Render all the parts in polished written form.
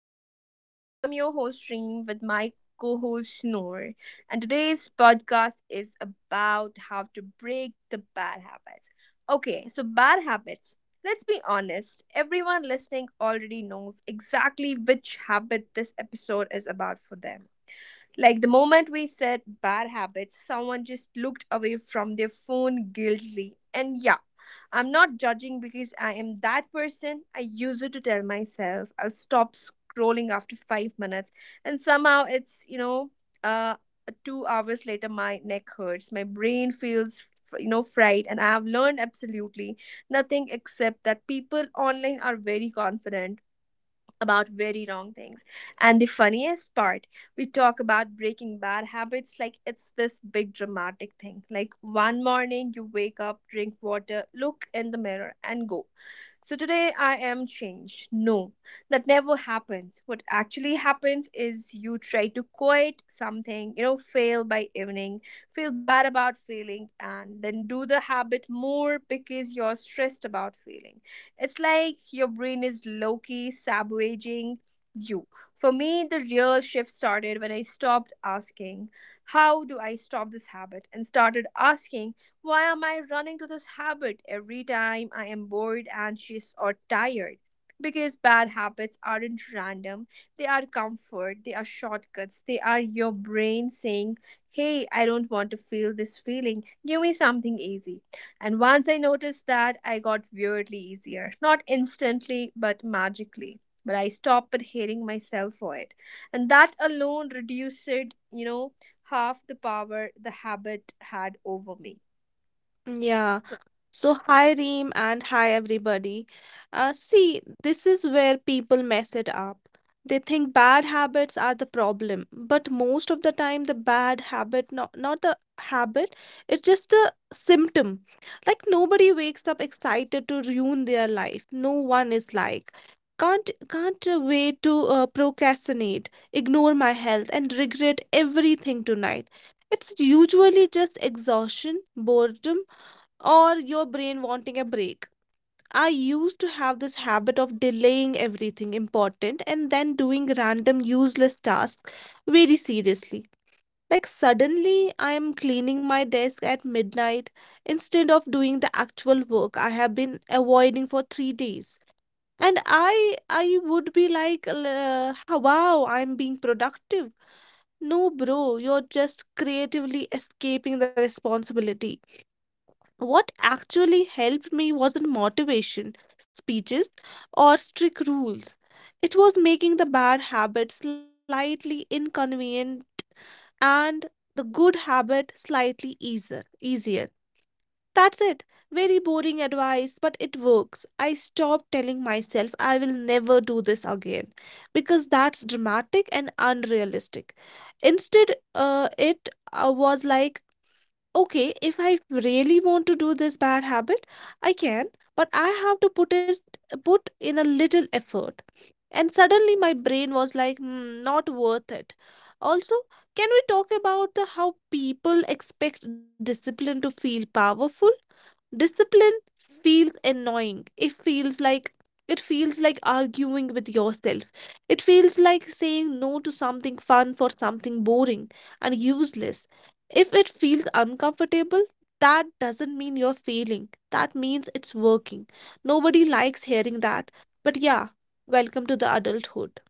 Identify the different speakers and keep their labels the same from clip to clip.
Speaker 1: Pink Theory Talks. I'm your host, Reem, with my co host, Noor. And today's podcast is about how to break the bad habits. Okay, so bad habits. Let's be honest, everyone listening already knows exactly which habit this episode is about for them. Like the moment we said bad habits, someone just looked away from their phone guiltily. And yeah, I'm not judging because I am that person. I use it to tell myself I'll stop scrolling after 5 minutes. And somehow it's, uh, 2 hours later, my neck hurts. My brain feels fried. And I have learned absolutely nothing except that people online are very confident about very wrong things. And the funniest part, we talk about breaking bad habits like it's this big dramatic thing. Like one morning you wake up, drink water, look in the mirror, and go. So today I am changed. No, that never happens. What actually happens is you try to quit something, fail by evening, feel bad about failing, and then do the habit more because you're stressed about failing. It's like your brain is low key sabotaging you. For me, the real shift started when I stopped asking, how do I stop this habit? And started asking, why am I running to this habit every time I am bored, anxious, or tired? Because bad habits aren't random, they are comfort, they are shortcuts, they are your brain saying, hey, I don't want to feel this feeling, give me something easy. And once I noticed that, I got weirdly easier. Not instantly, but magically. But I stopped hating myself for it. And that alone reduced half the power the habit had over me.
Speaker 2: Yeah. So, hi Reem and hi everybody. See, this is where people mess it up. They think bad habits are the problem, but most of the time, the bad habit, not the habit, it's just a symptom. Like, nobody wakes up excited to ruin their life. No one is like, can't wait to procrastinate, ignore my health, and regret everything tonight. It's usually just exhaustion, boredom, or your brain wanting a break. I used to have this habit of delaying everything important and then doing random useless tasks very seriously. Like, suddenly I am cleaning my desk at midnight instead of doing the actual work I have been avoiding for 3 days. And I would be like, wow, I'm being productive. No, bro, you're just creatively escaping the responsibility. What actually helped me wasn't motivation, speeches, or strict rules. It was making the bad habit slightly inconvenient and the good habit slightly easier. Easier. That's it. Very boring advice, but it works. I stopped telling myself I will never do this again because that's dramatic and unrealistic. Instead, it was like, okay, if I really want to do this bad habit, I can, but I have to put in a little effort. And suddenly my brain was like, "Hmm, not worth it." Also, can we talk about the how people expect discipline to feel powerful? Discipline feels annoying. It feels like arguing with yourself. It feels like saying no to something fun for something boring and useless. If it feels uncomfortable, that doesn't mean you're failing. That means it's working. Nobody likes hearing that. But yeah, welcome to the adulthood.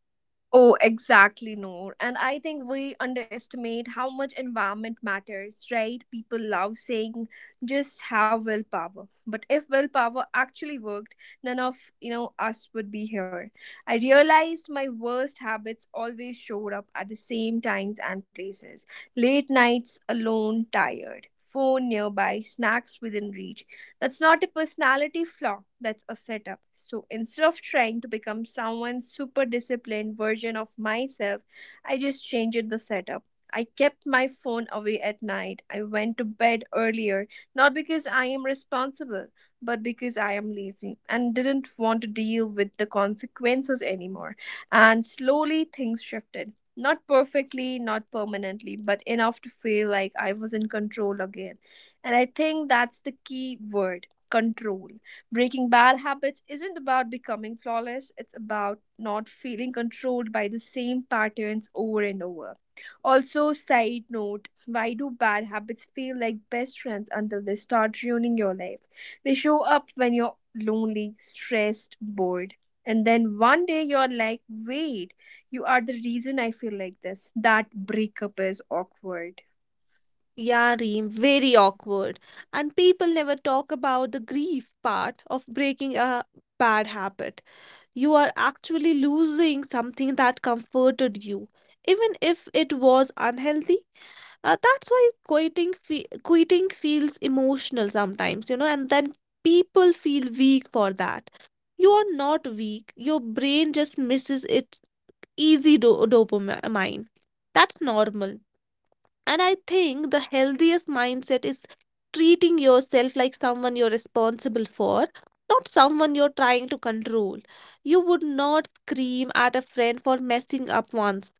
Speaker 1: Oh, exactly, Noor. And I think we underestimate how much environment matters, right? People love saying just have willpower. But if willpower actually worked, none of us would be here. I realized my worst habits always showed up at the same times and places. Late nights alone, tired, phone nearby, snacks within reach. That's not a personality flaw, that's a setup. So instead of trying to become someone's super disciplined version of myself, I just changed the setup. I kept my phone away at night. I went to bed earlier, not because I am responsible, but because I am lazy and didn't want to deal with the consequences anymore. And slowly things shifted. Not perfectly, not permanently, but enough to feel like I was in control again. And I think that's the key word control. Breaking bad habits isn't about becoming flawless, it's about not feeling controlled by the same patterns over and over. Also, side note, why do bad habits feel like best friends until they start ruining your life? They show up when you're lonely, stressed, bored. And then one day you're like, wait, you are the reason I feel like this. That breakup is awkward.
Speaker 2: Yeah, Reem, very awkward. And people never talk about the grief part of breaking a bad habit. You are actually losing something that comforted you, even if it was unhealthy. That's why quitting feels emotional sometimes, you know, and then people feel weak for that. You are not weak. Your brain just misses its easy dopamine. That's normal. And I think the healthiest mindset is treating yourself like someone you're responsible for, not someone you're trying to control. You would not scream at a friend for messing up once.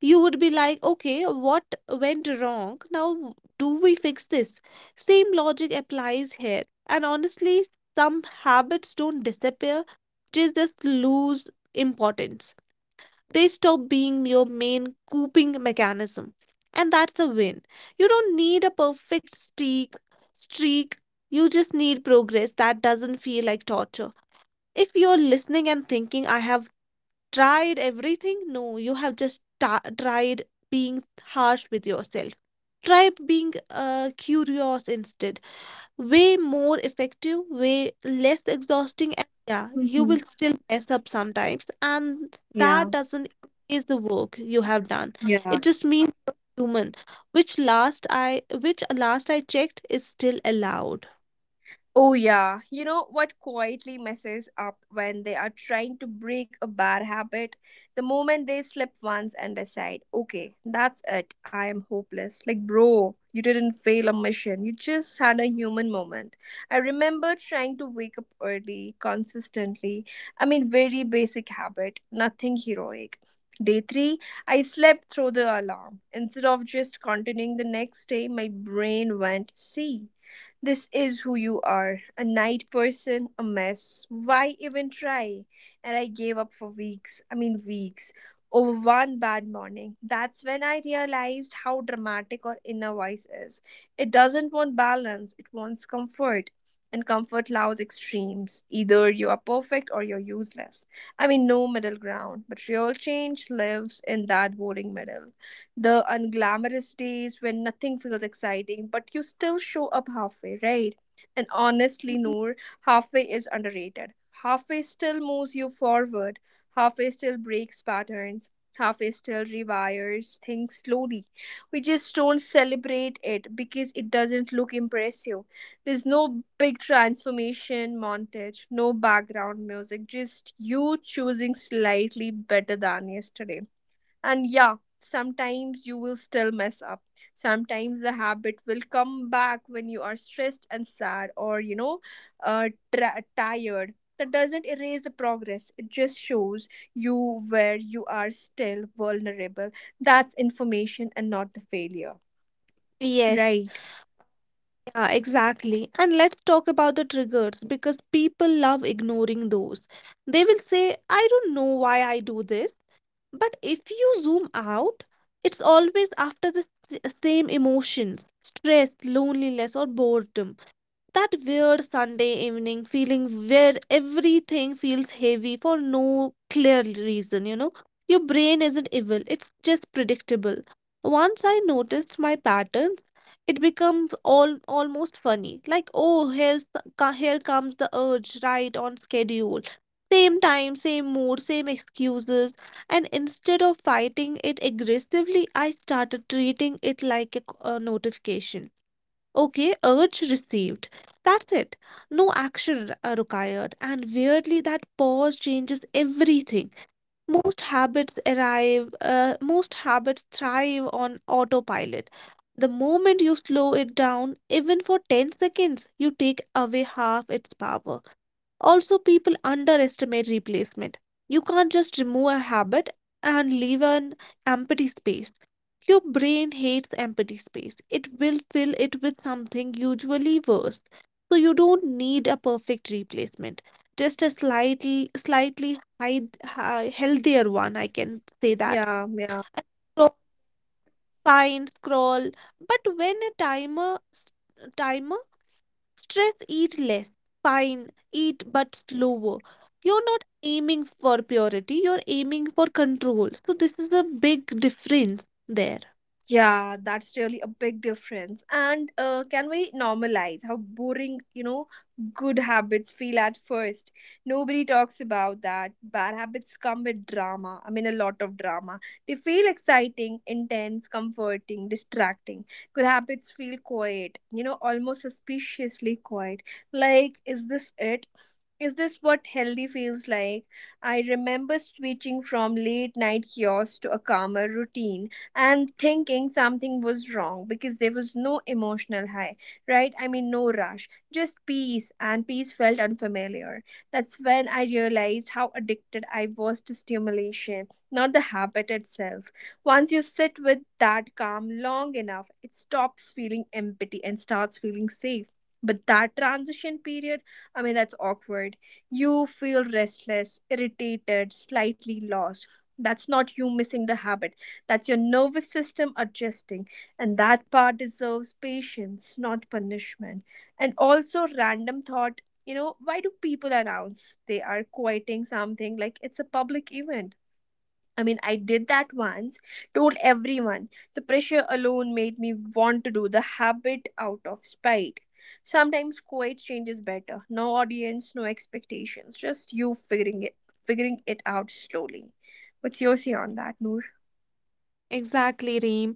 Speaker 2: You would be like, okay, what went wrong? Now, do we fix this? Same logic applies here. And honestly, some habits don't disappear, they just lose importance, they stop being your main coping mechanism. And that's a win. You don't need a streak. You just need progress that doesn't feel like torture. If you're listening and thinking, I have tried everything, no, you have just tried being harsh with yourself. Try being curious instead, way more effective, way less exhausting, and yeah, you
Speaker 1: hmm
Speaker 2: will still mess up sometimes, and
Speaker 1: Yeah.
Speaker 2: that doesn't is the work you have done.
Speaker 1: Yeah.
Speaker 2: It just means you're human, which last I checked is still allowed.
Speaker 1: Oh, yeah. You know what quietly messes up when they are trying to break a bad habit? The moment they slip once and decide, okay, that's it, I am hopeless. Like, bro, you didn't fail a mission, you just had a human moment. I remember trying to wake up early, consistently. I mean, very basic habit, nothing heroic. Day 3, I slept through the alarm. Instead of just continuing the next day, my brain went, see. This is who you are, a night person, a mess. Why even try? And I gave up for weeks. I mean, weeks. Over one bad morning. That's when I realized how dramatic our inner voice is. It doesn't want balance, it wants comfort. And comfort loves extremes. Either you are perfect or you're useless. I mean, no middle ground. But real change lives in that boring middle, the unglamorous days when nothing feels exciting, but you still show up halfway, right? And honestly, Noor, halfway is underrated. Halfway still moves you forward, halfway still breaks patterns, halfway still rewires things slowly. We just don't celebrate it because it doesn't look impressive. There's no big transformation montage, no background music, just you choosing slightly better than yesterday, and yeah, sometimes you will still mess up. Sometimes the habit will come back when you are stressed and sad or, uh, tired. That doesn't erase the progress, it just shows you where you are still vulnerable. That's information and not the failure.
Speaker 2: Yes,
Speaker 1: Right.
Speaker 2: yeah, exactly. And let's talk about the triggers because people love ignoring those. They will say, I don't know why I do this. But if you zoom out, it's always after the same emotions, stress, loneliness, or boredom. That weird Sunday evening feeling where everything feels heavy for no clear reason, you know. Your brain isn't evil, it's just predictable. Once I noticed my patterns, it becomes all almost funny. Like, oh, here comes the urge, right on schedule. Same time, same mood, same excuses. And instead of fighting it aggressively, I started treating it like a notification. Okay, urge received. That's it. No action required. And weirdly, that pause changes everything. Most habits thrive on autopilot. The moment you slow it down, even for 10 seconds, you take away half its power. Also, people underestimate replacement. You can't just remove a habit and leave an empty space. Your brain hates empty space. It will fill it with something usually worse. So you don't need a perfect replacement. Just a slightly healthier one, I can say that.
Speaker 1: Yeah, yeah.
Speaker 2: And scroll, fine, scroll. But when a timer. Stress eat less. Fine, eat but slower. You're not aiming for purity, you're aiming for control. So, this is a big difference there.
Speaker 1: Yeah, that's really a big difference. And can we normalize how boring good habits feel at first? Nobody talks about that. Bad habits come with drama. I mean, a lot of drama. They feel exciting, intense, comforting, distracting. Good habits feel quiet, almost suspiciously quiet. Like, is this it? Is this what healthy feels like? I remember switching from late night chaos to a calmer routine and thinking something was wrong because there was no emotional high, right? I mean, no rush, just peace, and peace felt unfamiliar. That's when I realized how addicted I was to stimulation, not the habit itself. Once you sit with that calm long enough, it stops feeling empty and starts feeling safe. But that transition period, I mean, that's awkward. You feel restless, irritated, slightly lost. That's not you missing the habit, that's your nervous system adjusting, and that part deserves patience, not punishment. And also, random thought, you know, why do people announce they are quitting something like it's a public event? I mean, I did that once, told everyone. The pressure alone made me want to do the habit out of spite. Sometimes quiet change is better. No audience, no expectations, just you figuring it out slowly. What's your say on that, Noor?
Speaker 2: Exactly, Reem.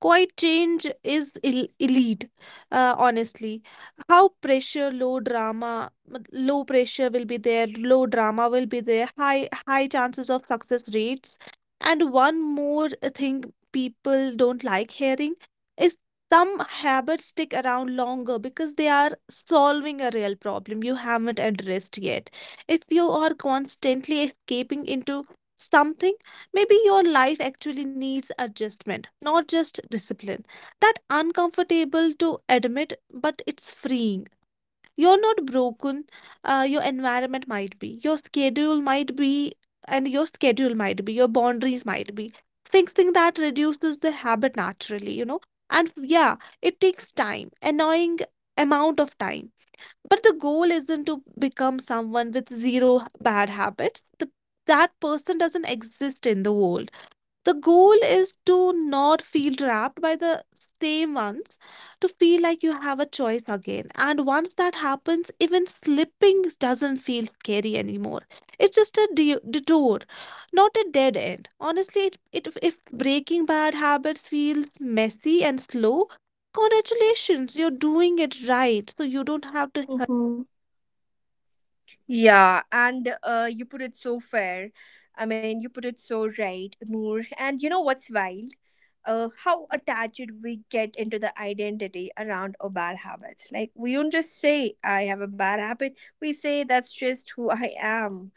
Speaker 2: Quiet change is elite, honestly. How pressure, low drama, low pressure will be there, low drama will be there, high high chances of success rates. And one more thing people don't like hearing is some habits stick around longer because they are solving a real problem you haven't addressed yet. If you are constantly escaping into something, maybe your life actually needs adjustment, not just discipline. That uncomfortable to admit, but it's freeing. You're not broken. Your environment might be, your schedule might be, your boundaries might be. Fixing that reduces the habit naturally, you know. And yeah, it takes time, annoying amount of time. But the goal isn't to become someone with bad habits. The that person doesn't exist in the world. The goal is to not feel trapped by the same ones, to feel like you have a choice again. And once that happens, even slipping doesn't feel scary anymore. It's just detour, not a dead end. Honestly, if breaking bad habits feels messy and slow, congratulations, you're doing it right. So you don't have to hurry.
Speaker 1: Mm-hmm. Yeah, and you put it so fair. I mean, you put it so right, Noor. And you know what's wild? How attached we get into the identity around our bad habits. Like, we don't just say, I have a bad habit, we say, that's just who I am.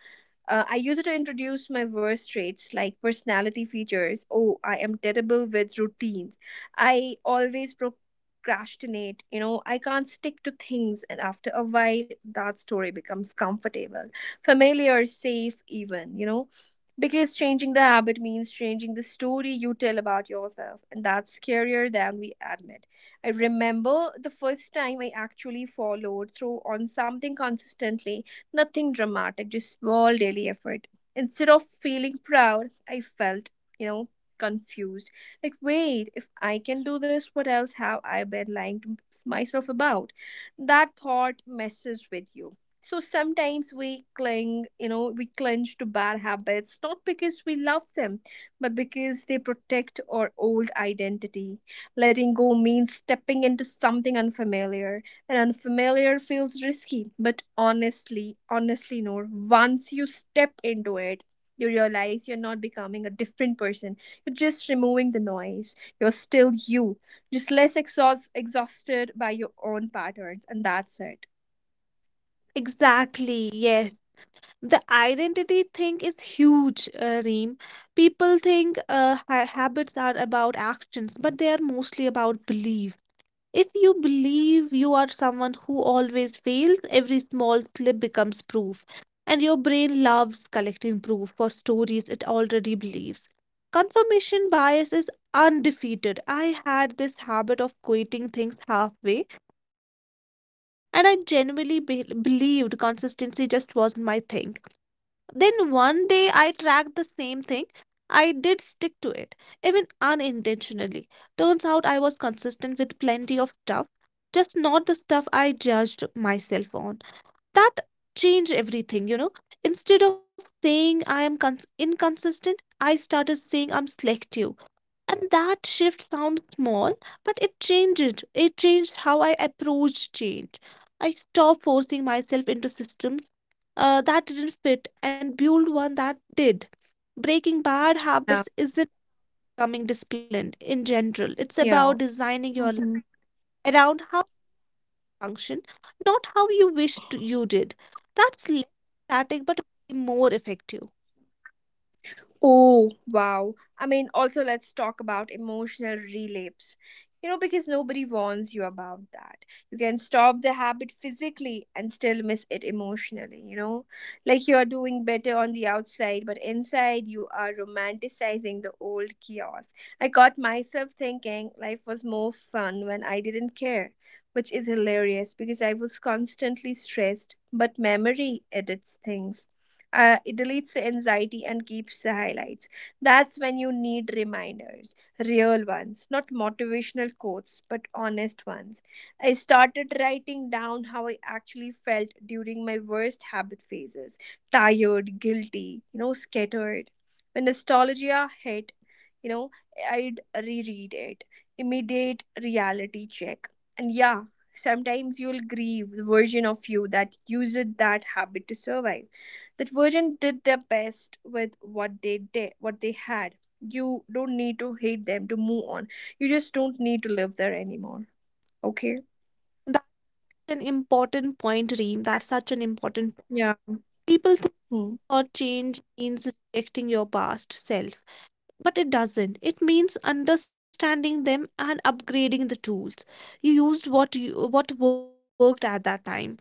Speaker 1: I use it to introduce my worst traits like personality features. Oh, I am terrible with routines. I always procrastinate. You know, I can't stick to things, and after a while, that story becomes comfortable, familiar, safe, even. Because changing the habit means changing the story you tell about yourself, and that's scarier than we admit. I remember the first time I actually followed through on something consistently. Nothing dramatic, just small daily effort. Instead of feeling proud, I felt, you know, confused. Like, wait, if I can do this, what else have I been lying to myself about? That thought messes with you. So sometimes we cling to bad habits, not because we love them, but because they protect our old identity. Letting go means stepping into something unfamiliar, and unfamiliar feels risky, but honestly, no, once you step into it, you realize you're not becoming a different person, you're just removing the noise. You're still you, just less exhausted by your own patterns, and that's it.
Speaker 2: Exactly, yes. The identity thing is huge, Reem. People think ha habits are about actions, but they are mostly about belief. If you believe you are someone who always fails, every small slip becomes proof. And your brain loves collecting proof for stories it already believes. Confirmation bias is undefeated. I had this habit of quitting things halfway, and I genuinely be believed consistency just wasn't my thing. Then one day I tracked the same thing. I did stick to it, even unintentionally. Turns out I was consistent with plenty of stuff, just not the stuff I judged myself on. That changed everything, you know. Instead of saying I am inconsistent, I started saying I'm selective. And that shift sounds small, but it changed how I approach change. I stopped forcing myself into systems that didn't fit and build one that did. Breaking bad
Speaker 1: Yeah
Speaker 2: habits isn't becoming disciplined in general, it's about
Speaker 1: yeah
Speaker 2: designing your life around how function, not how you wished you did. That's less static but way more effective.
Speaker 1: Oh, wow. I mean, also, let's talk about emotional relapse. You know, because nobody warns you about that. You can stop the habit physically and still miss it emotionally, you know? Like you are doing better on the outside, but inside you are romanticizing the old chaos. I got myself thinking life was more fun when I didn't care, which is hilarious because I was constantly stressed, but memory edits things. It deletes the anxiety and keeps the highlights. That's when you need reminders, real ones, not motivational quotes but honest ones. I started writing down how I actually felt during my worst habit phases. Tired, guilty, scattered. When nostalgia hit you know I'd reread it. Immediate reality check. And yeah, sometimes you'll grieve the version of you that used that habit to survive. That version did their best with what they did, what they had. You don't need to hate them to move on. You just don't need to live there anymore. Okay.
Speaker 2: That's an important point, Reem. That's such an important point.
Speaker 1: Yeah.
Speaker 2: People think
Speaker 1: Hmm.
Speaker 2: about change means rejecting your past self. But it doesn't. It means understanding them and upgrading the tools. You used what worked at that time.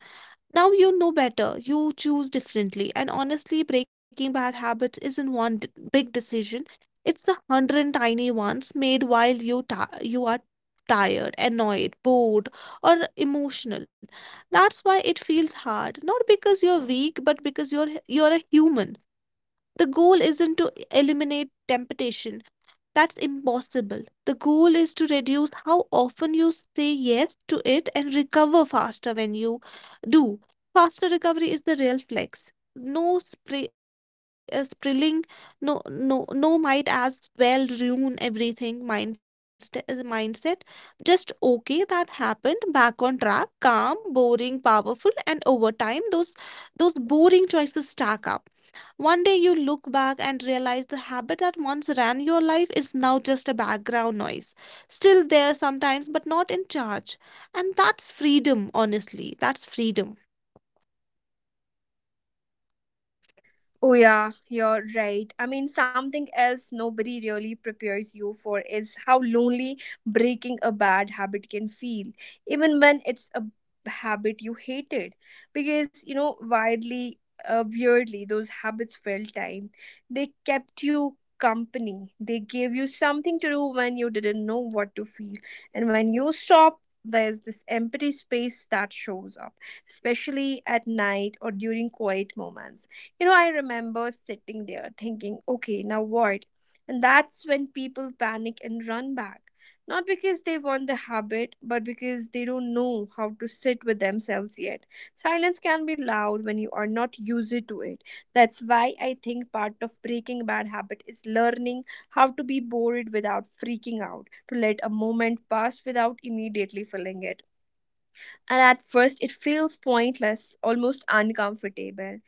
Speaker 2: Now you know better. You choose differently. And honestly, breaking bad habits isn't one big decision. It's the hundred tiny ones made while you are tired, annoyed, bored, or emotional. That's why it feels hard. Not because you're weak, but because you're a human. The goal isn't to eliminate temptation, that's impossible. The goal is to reduce how often you say yes to it and recover faster when you do. Faster recovery is the real flex. No sprilling, no might as well ruin everything mindset. Just okay, that happened, back on track, calm, boring, powerful, and over time, those boring choices stack up. One day you look back and realize the habit that once ran your life is now just a background noise. Still there sometimes, but not in charge. And that's freedom, honestly. That's freedom.
Speaker 1: Oh, yeah, you're right. I mean, something else nobody really prepares you for is how lonely breaking a bad habit can feel, even when it's a habit you hated. Because, weirdly, those habits filled time. They kept you company, they gave you something to do when you didn't know what to feel. And when you stop, there's this empty space that shows up, especially at night or during quiet moments. You know, I remember sitting there thinking, okay, now what? And that's when people panic and run back. Not because they want the habit, but because they don't know how to sit with themselves yet. Silence can be loud when you are not used to it. That's why I think part of breaking bad habit is learning how to be bored without freaking out, to let a moment pass without immediately filling it. And at first, it feels pointless, almost uncomfortable,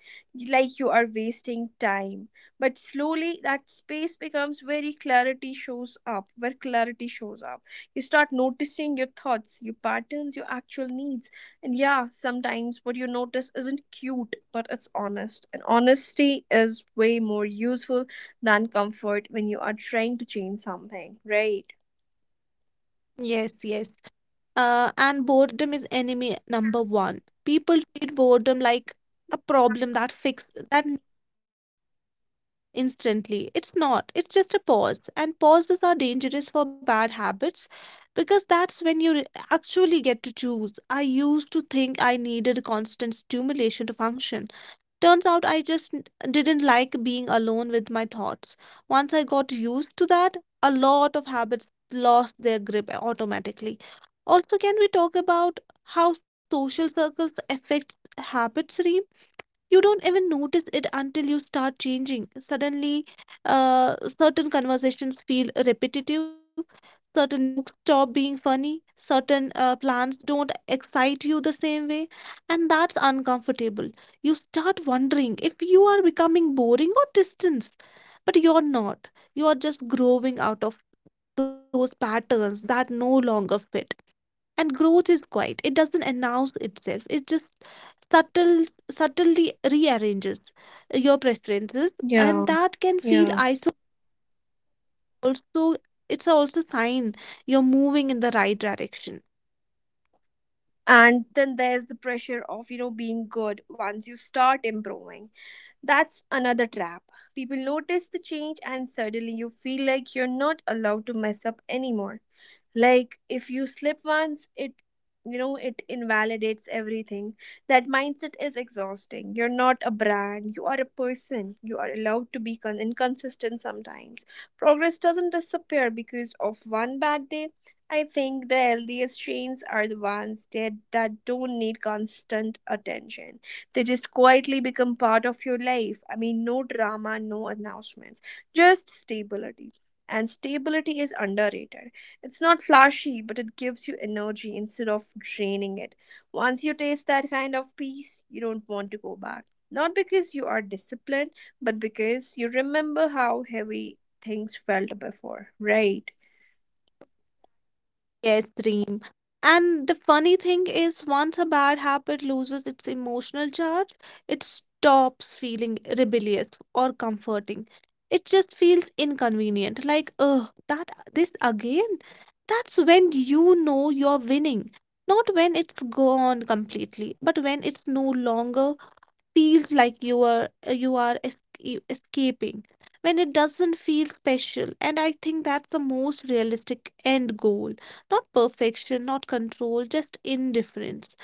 Speaker 1: like you are wasting time. But slowly, that space becomes where clarity shows up. You start noticing your thoughts, your patterns, your actual needs. And yeah, sometimes what you notice isn't cute, but it's honest. And honesty is way more useful than comfort when you are trying to change something, right?
Speaker 2: Yes, yes. And boredom is enemy number one. People treat boredom like a problem that fix that instantly. It's not, it's just a pause. And pauses are dangerous for bad habits because that's when you actually get to choose. I used to think I needed constant stimulation to function. Turns out I just didn't like being alone with my thoughts. Once I got used to that, a lot of habits lost their grip automatically. Also, can we talk about how social circles affect habits, Reem? You don't even notice it until you start changing. Suddenly, certain conversations feel repetitive, certain jokes stop being funny, certain plans don't excite you the same way, and that's uncomfortable. You start wondering if you are becoming boring or distant, but you're not. You are just growing out of those patterns that no longer fit, and growth is quiet, it doesn't announce itself, it just subtle subtly rearranges your preferences,
Speaker 1: Yeah,
Speaker 2: and that can feel
Speaker 1: yeah.
Speaker 2: isolating. Also, it's also sign you're moving in the right direction.
Speaker 1: And then there's the pressure of being good once you start improving. That's another trap. People notice the change and suddenly you feel like you're not allowed to mess up anymore, like if you slip once it you know it invalidates everything. That mindset is exhausting. You're not a brand, you are a person. You are allowed to be inconsistent sometimes. Progress doesn't disappear because of one bad day. I think the healthiest chains are the ones that don't need constant attention. They just quietly become part of your life. I mean, no drama, no announcements, just stability. And stability is underrated. It's not flashy, but it gives you energy instead of draining it. Once you taste that kind of peace, you don't want to go back. Not because you are disciplined, but because you remember how heavy things felt before, right?
Speaker 2: Yes, dream. And the funny thing is, once a bad habit loses its emotional charge, it stops feeling rebellious or comforting. It just feels inconvenient, like, oh, that this again? That's when you know you're winning. Not when it's gone completely, but when it's no longer feels like you are escaping, when it doesn't feel special. And I think that's the most realistic end goal: not perfection, not control, just indifference.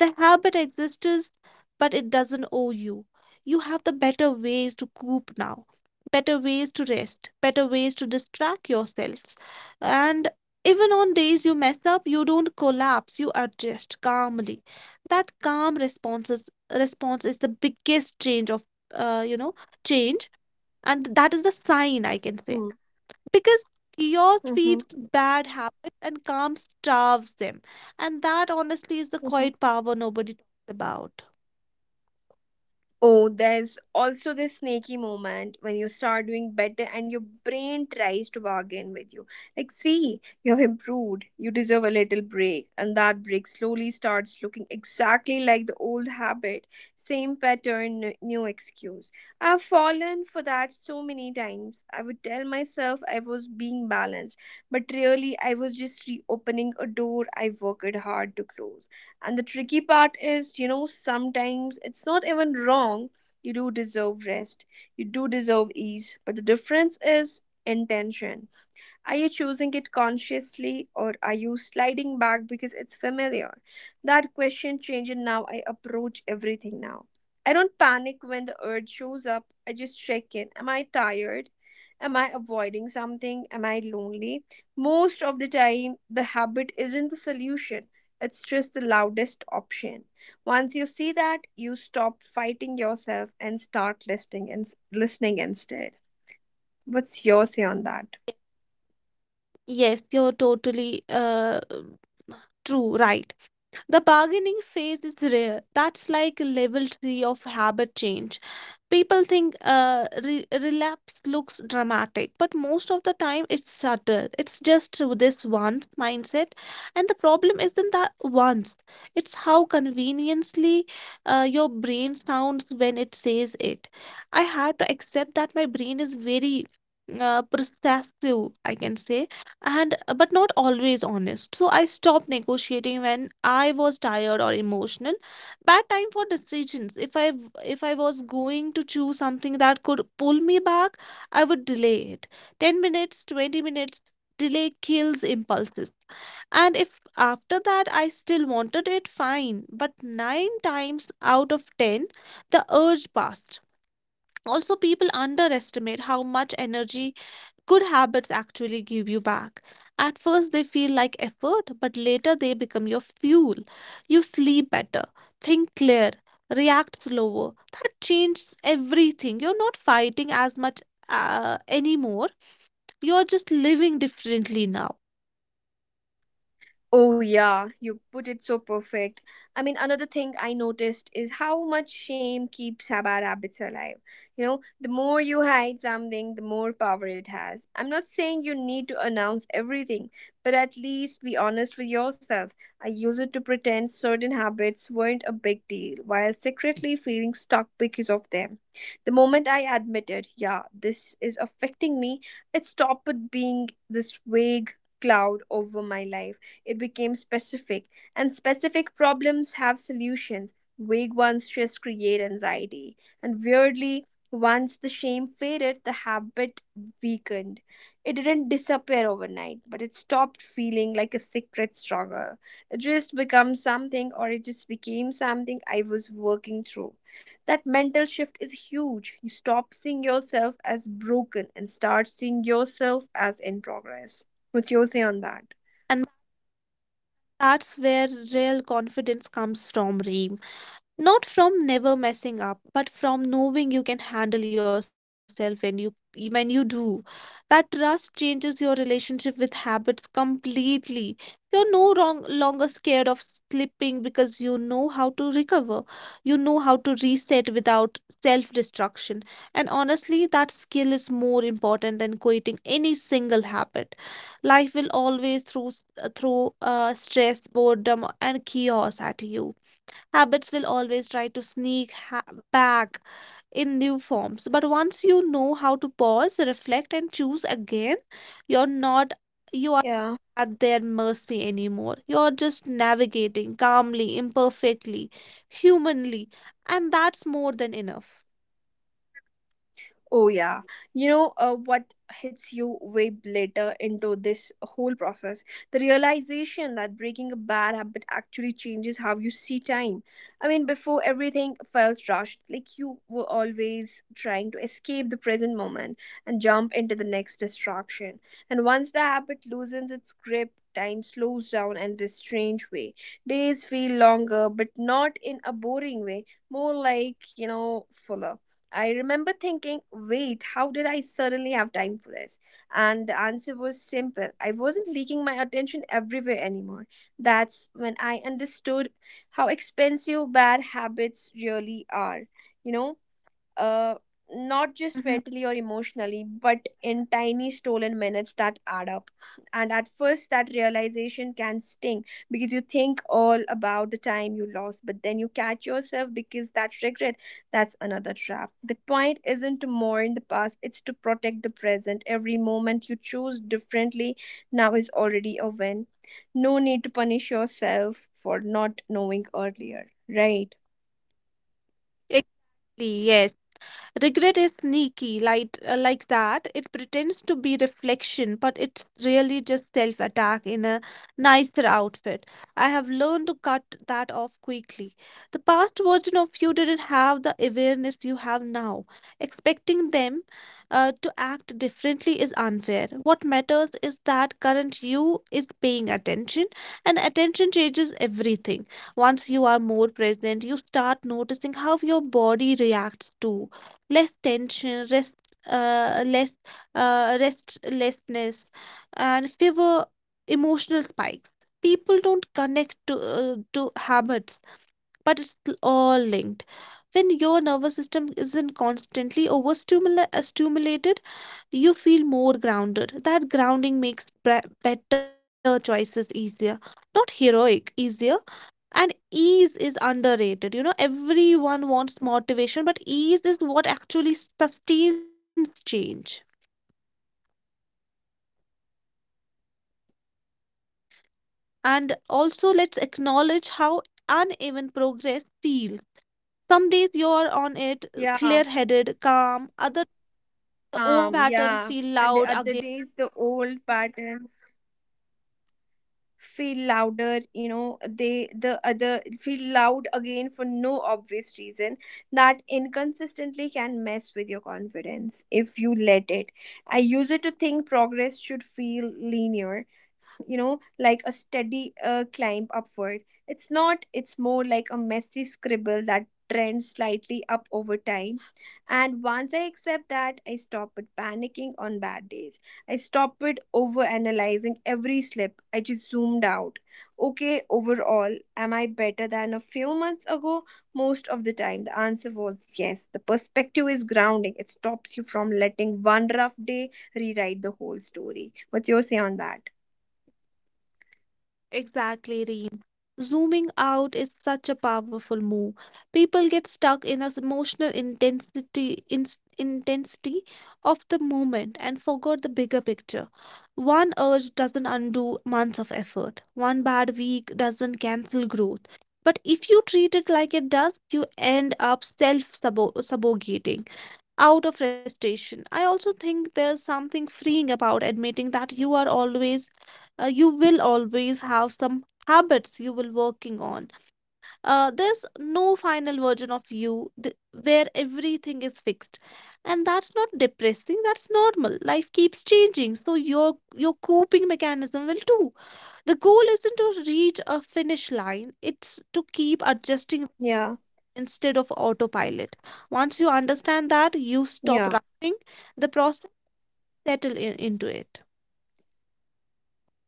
Speaker 2: The habit exists, but it doesn't owe you. You have the better ways to cope now, better ways to rest, better ways to distract yourselves. And even on days you mess up, you don't collapse, you adjust calmly. That calm response response is the biggest change uh, you know, change. And that is a sign, I can say,
Speaker 1: Mm-hmm.
Speaker 2: because chaos
Speaker 1: Mm-hmm.
Speaker 2: feeds bad habits and calm starves them. And that honestly is the quiet power nobody talks about.
Speaker 1: Oh, there's also this snaky moment when you start doing better and your brain tries to bargain with you. Like, see, you have improved. You deserve a little break. And that break slowly starts looking exactly like the old habit. Same pattern, new excuse. I've fallen for that so many times. I would tell myself I was being balanced, but really I was just reopening a door I worked hard to close. And the tricky part is, you know, sometimes it's not even wrong. You do deserve rest, you do deserve ease, but the difference is intention. Are you choosing it consciously, or are you sliding back because it's familiar? That question changes now. I approach everything now. I don't panic when the urge shows up. I just check in. Am I tired? Am I avoiding something? Am I lonely? Most of the time, the habit isn't the solution, it's just the loudest option. Once you see that, you stop fighting yourself and start listening instead. What's your say on that?
Speaker 2: Yes, you're totally true, right. The bargaining phase is rare. That's like level three of habit change. People think relapse looks dramatic, but most of the time it's subtle. It's just this once mindset, and the problem isn't that once. It's how conveniently your brain sounds when it says it. I had to accept that my brain is very processive, I can say, and but not always honest. So I stopped negotiating when I was tired or emotional. Bad time for decisions. If I was going to choose something that could pull me back, I would delay it 10 minutes, 20 minutes. Delay kills impulses. And if after that I still wanted it, fine, but 9 times out of 10 the urge passed. Also, people underestimate how much energy good habits actually give you back. At first, they feel like effort, but later they become your fuel. You sleep better, think clear, react slower. That changes everything. You're not fighting as much anymore. You're just living differently now.
Speaker 1: Oh, yeah, you put it so perfect. I mean, another thing I noticed is how much shame keeps bad habits alive. You know, the more you hide something, the more power it has. I'm not saying you need to announce everything, but at least be honest with yourself. I use it to pretend certain habits weren't a big deal while secretly feeling stuck because of them. The moment I admitted, yeah, this is affecting me, it stopped being this vague cloud over my life. It became specific, and specific problems have solutions. Vague ones just create anxiety. And weirdly, once the shame faded, the habit weakened. It didn't disappear overnight, but it stopped feeling like a secret struggle. It just became something, or it just became something I was working through. That mental shift is huge. You stop seeing yourself as broken and start seeing yourself as in progress. What's your say on that?
Speaker 2: And that's where real confidence comes from, Reem. Not from never messing up, but from knowing you can handle yourself when you do. That trust changes your relationship with habits completely. You're no wrong, longer scared of slipping because you know how to recover. You know how to reset without self-destruction. And honestly, that skill is more important than quitting any single habit. Life will always throw stress, boredom, and chaos at you. Habits will always try to back in new forms. But once you know how to pause, reflect, and choose again, you're not you are
Speaker 1: Yeah.
Speaker 2: at their mercy anymore. You're just navigating calmly, imperfectly, humanly, and that's more than enough.
Speaker 1: Oh, yeah. You know, what hits you way later into this whole process? The realization that breaking a bad habit actually changes how you see time. I mean, before everything felt rushed, like you were always trying to escape the present moment and jump into the next distraction. And once the habit loosens its grip, time slows down in this strange way. Days feel longer, but not in a boring way, more like, you know, fuller. I remember thinking, wait, how did I suddenly have time for this? And the answer was simple. I wasn't leaking my attention everywhere anymore. That's when I understood how expensive bad habits really are. You know, uh, not just mentally
Speaker 2: Mhm.
Speaker 1: or emotionally, but in tiny stolen minutes that add up. And at first, that realization can sting because you think all about the time you lost, but then you catch yourself because that regret, that's another trap. The point isn't to mourn the past, it's to protect the present. Every moment you choose differently now is already a win. No need to punish yourself for not knowing earlier, right?
Speaker 2: Exactly, yes. Regret is sneaky, like that. It pretends to be reflection, but it's really just self attack in a nicer outfit. I have learned to cut that off quickly. The past version of you didn't have the awareness you have now. Expecting them to act differently is unfair. What matters is that current you is paying attention, and attention changes everything. Once you are more present, you start noticing how your body reacts too: less tension, rest, less restlessness, and fewer emotional spikes. People don't connect to habits, but it's all linked. When your nervous system isn't constantly overstimulated, you feel more grounded. That grounding makes better choices easier, not heroic, easier. And ease is underrated. You know, everyone wants motivation, but ease is what actually sustains change. And also, let's acknowledge how uneven progress feels. Some days you're on it,
Speaker 1: Yeah,
Speaker 2: clear headed, calm, other the
Speaker 1: calm,
Speaker 2: old
Speaker 1: yeah.
Speaker 2: patterns feel
Speaker 1: And the
Speaker 2: loud
Speaker 1: other
Speaker 2: again.
Speaker 1: days the old patterns feel louder, you know, they the other feel loud again for no obvious reason. That inconsistently can mess with your confidence if you let it. I use it to think progress should feel linear, you know, like a steady climb upward. It's not, it's more like a messy scribble that trends slightly up over time. And once I accept that, I stop it panicking on bad days. I stop it over analyzing every slip. I just zoomed out. Okay, overall, am I better than a few months ago? Most of the time the answer was yes. The perspective is grounding. It stops you from letting one rough day rewrite the whole story. What's your say on that?
Speaker 2: Exactly, Reem. Zooming out is such a powerful move. People get stuck in an emotional intensity of the moment and forgot the bigger picture. One urge doesn't undo months of effort. One bad week doesn't cancel growth. But if you treat it like it does, you end up sabogating out of frustration. I also think there's something freeing about admitting that you are always, you will always have some habits you will working on. There's no final version of you where everything is fixed, and that's not depressing. That's normal. Life keeps changing, so your coping mechanism will too. The goal isn't to reach a finish line; it's to keep adjusting
Speaker 1: Yeah.
Speaker 2: instead of autopilot. Once you understand that, you stop
Speaker 1: Yeah.
Speaker 2: rushing the process, settle in, into it.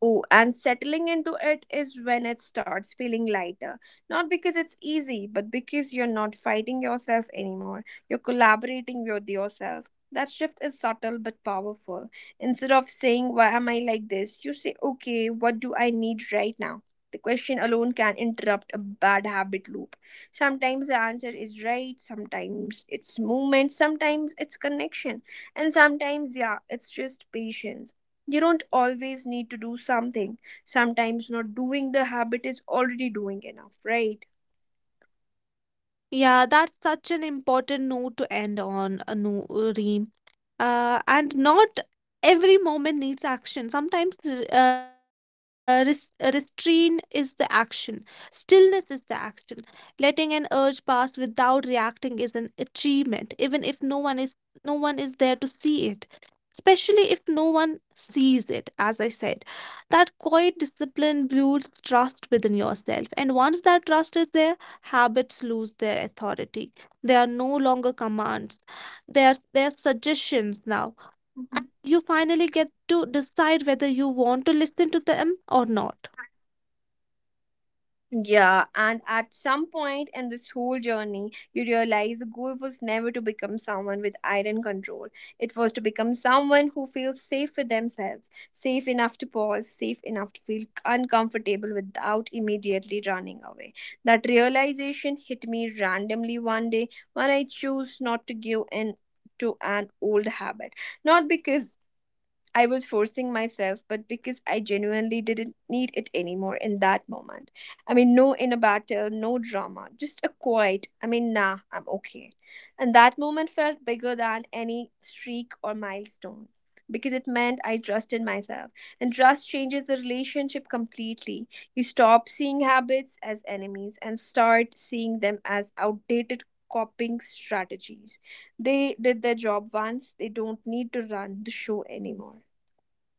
Speaker 1: Oh, and settling into it is when it starts feeling lighter. Not because it's easy, but because you're not fighting yourself anymore. You're collaborating with yourself. That shift is subtle but powerful. Instead of saying, "Why am I like this?" you say, "Okay, what do I need right now?" The question alone can interrupt a bad habit loop. Sometimes the answer is right, sometimes it's movement, sometimes it's connection, and sometimes, yeah, it's just patience. You don't always need to do something. Sometimes not doing the habit is already doing enough, right?
Speaker 2: Yeah, that's such an important note to end on, a no, Reem. And not every moment needs action. Sometimes restraint is the action, stillness is the action. Letting an urge pass without reacting is an achievement, even if no one is there to see it. Especially if no one sees it, as I said. That quiet discipline builds trust within yourself. And once that trust is there, habits lose their authority. They are no longer commands. They are suggestions now. And you finally get to decide whether you want to listen to them or not.
Speaker 1: Yeah, and at some point in this whole journey, you realize the goal was never to become someone with iron control. It was to become someone who feels safe with themselves, safe enough to pause, safe enough to feel uncomfortable without immediately running away. That realization hit me randomly one day when I chose not to give in to an old habit. Not because I was forcing myself, but because I genuinely didn't need it anymore in that moment. I mean, no inner battle, no drama, just a quiet, I mean, nah, I'm okay. And that moment felt bigger than any streak or milestone because it meant I trusted myself. And trust changes the relationship completely. You stop seeing habits as enemies and start seeing them as outdated coping strategies. They did their job once, they don't need to run the show anymore. Okay.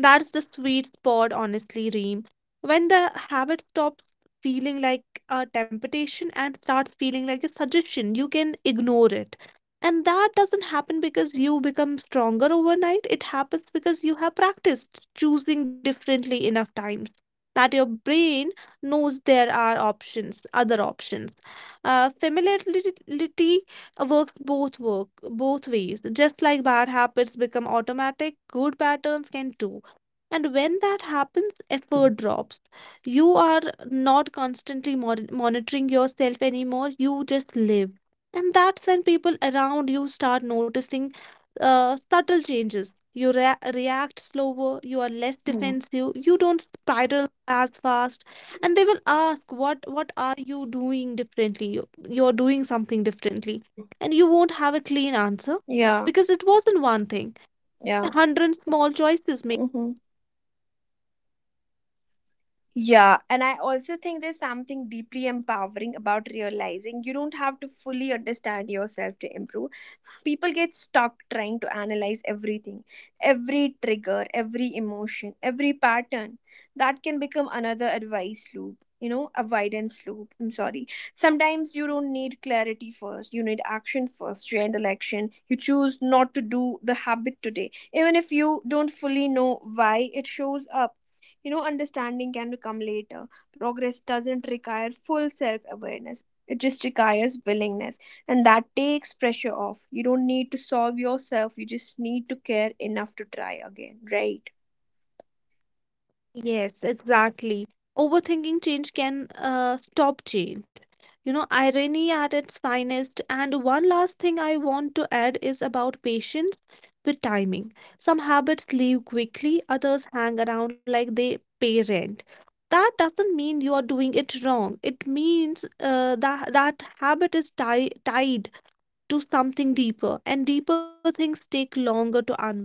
Speaker 2: That's the sweet spot, honestly, Reem. When the habit stops feeling like a temptation and starts feeling like a suggestion, you can ignore it. And that doesn't happen because you become stronger overnight. It happens because you have practiced choosing differently enough times that your brain knows there are options, other options. Familiarity work both ways. Just like bad habits become automatic, good patterns can too. And when that happens, effort drops. You are not constantly monitoring yourself anymore. You just live. And that's when people around you start noticing subtle changes. You react slower, you are less
Speaker 1: Mhm.
Speaker 2: defensive, you don't spiral as fast. And they will ask, "What, are you doing differently? You're doing something differently." And you won't have a clean answer
Speaker 1: Yeah.
Speaker 2: because it wasn't one thing, a
Speaker 1: Yeah.
Speaker 2: hundred small choices.
Speaker 1: Mm-hmm. Yeah, and I also think there's something deeply empowering about realizing you don't have to fully understand yourself to improve. People get stuck trying to analyze everything, every trigger, every emotion, every pattern. That can become another advice loop, you know, avoidance loop, I'm sorry. Sometimes you don't need clarity first, you need action first. You end election, you choose not to do the habit today even if you don't fully know why it shows up. Understanding can become later. Progress doesn't require full self awareness, it just requires willingness. And that takes pressure off. You don't need to solve yourself, you just need to care enough to try again, right?
Speaker 2: Yes, exactly. Overthinking change can stop change. You know, irony at its finest. And one last thing I want to add is about patience with timing. Some habits leave quickly, others hang around like they pay rent. That doesn't mean you are doing it wrong. It means that habit is ti tied to something deeper, and deeper things take longer to unwind.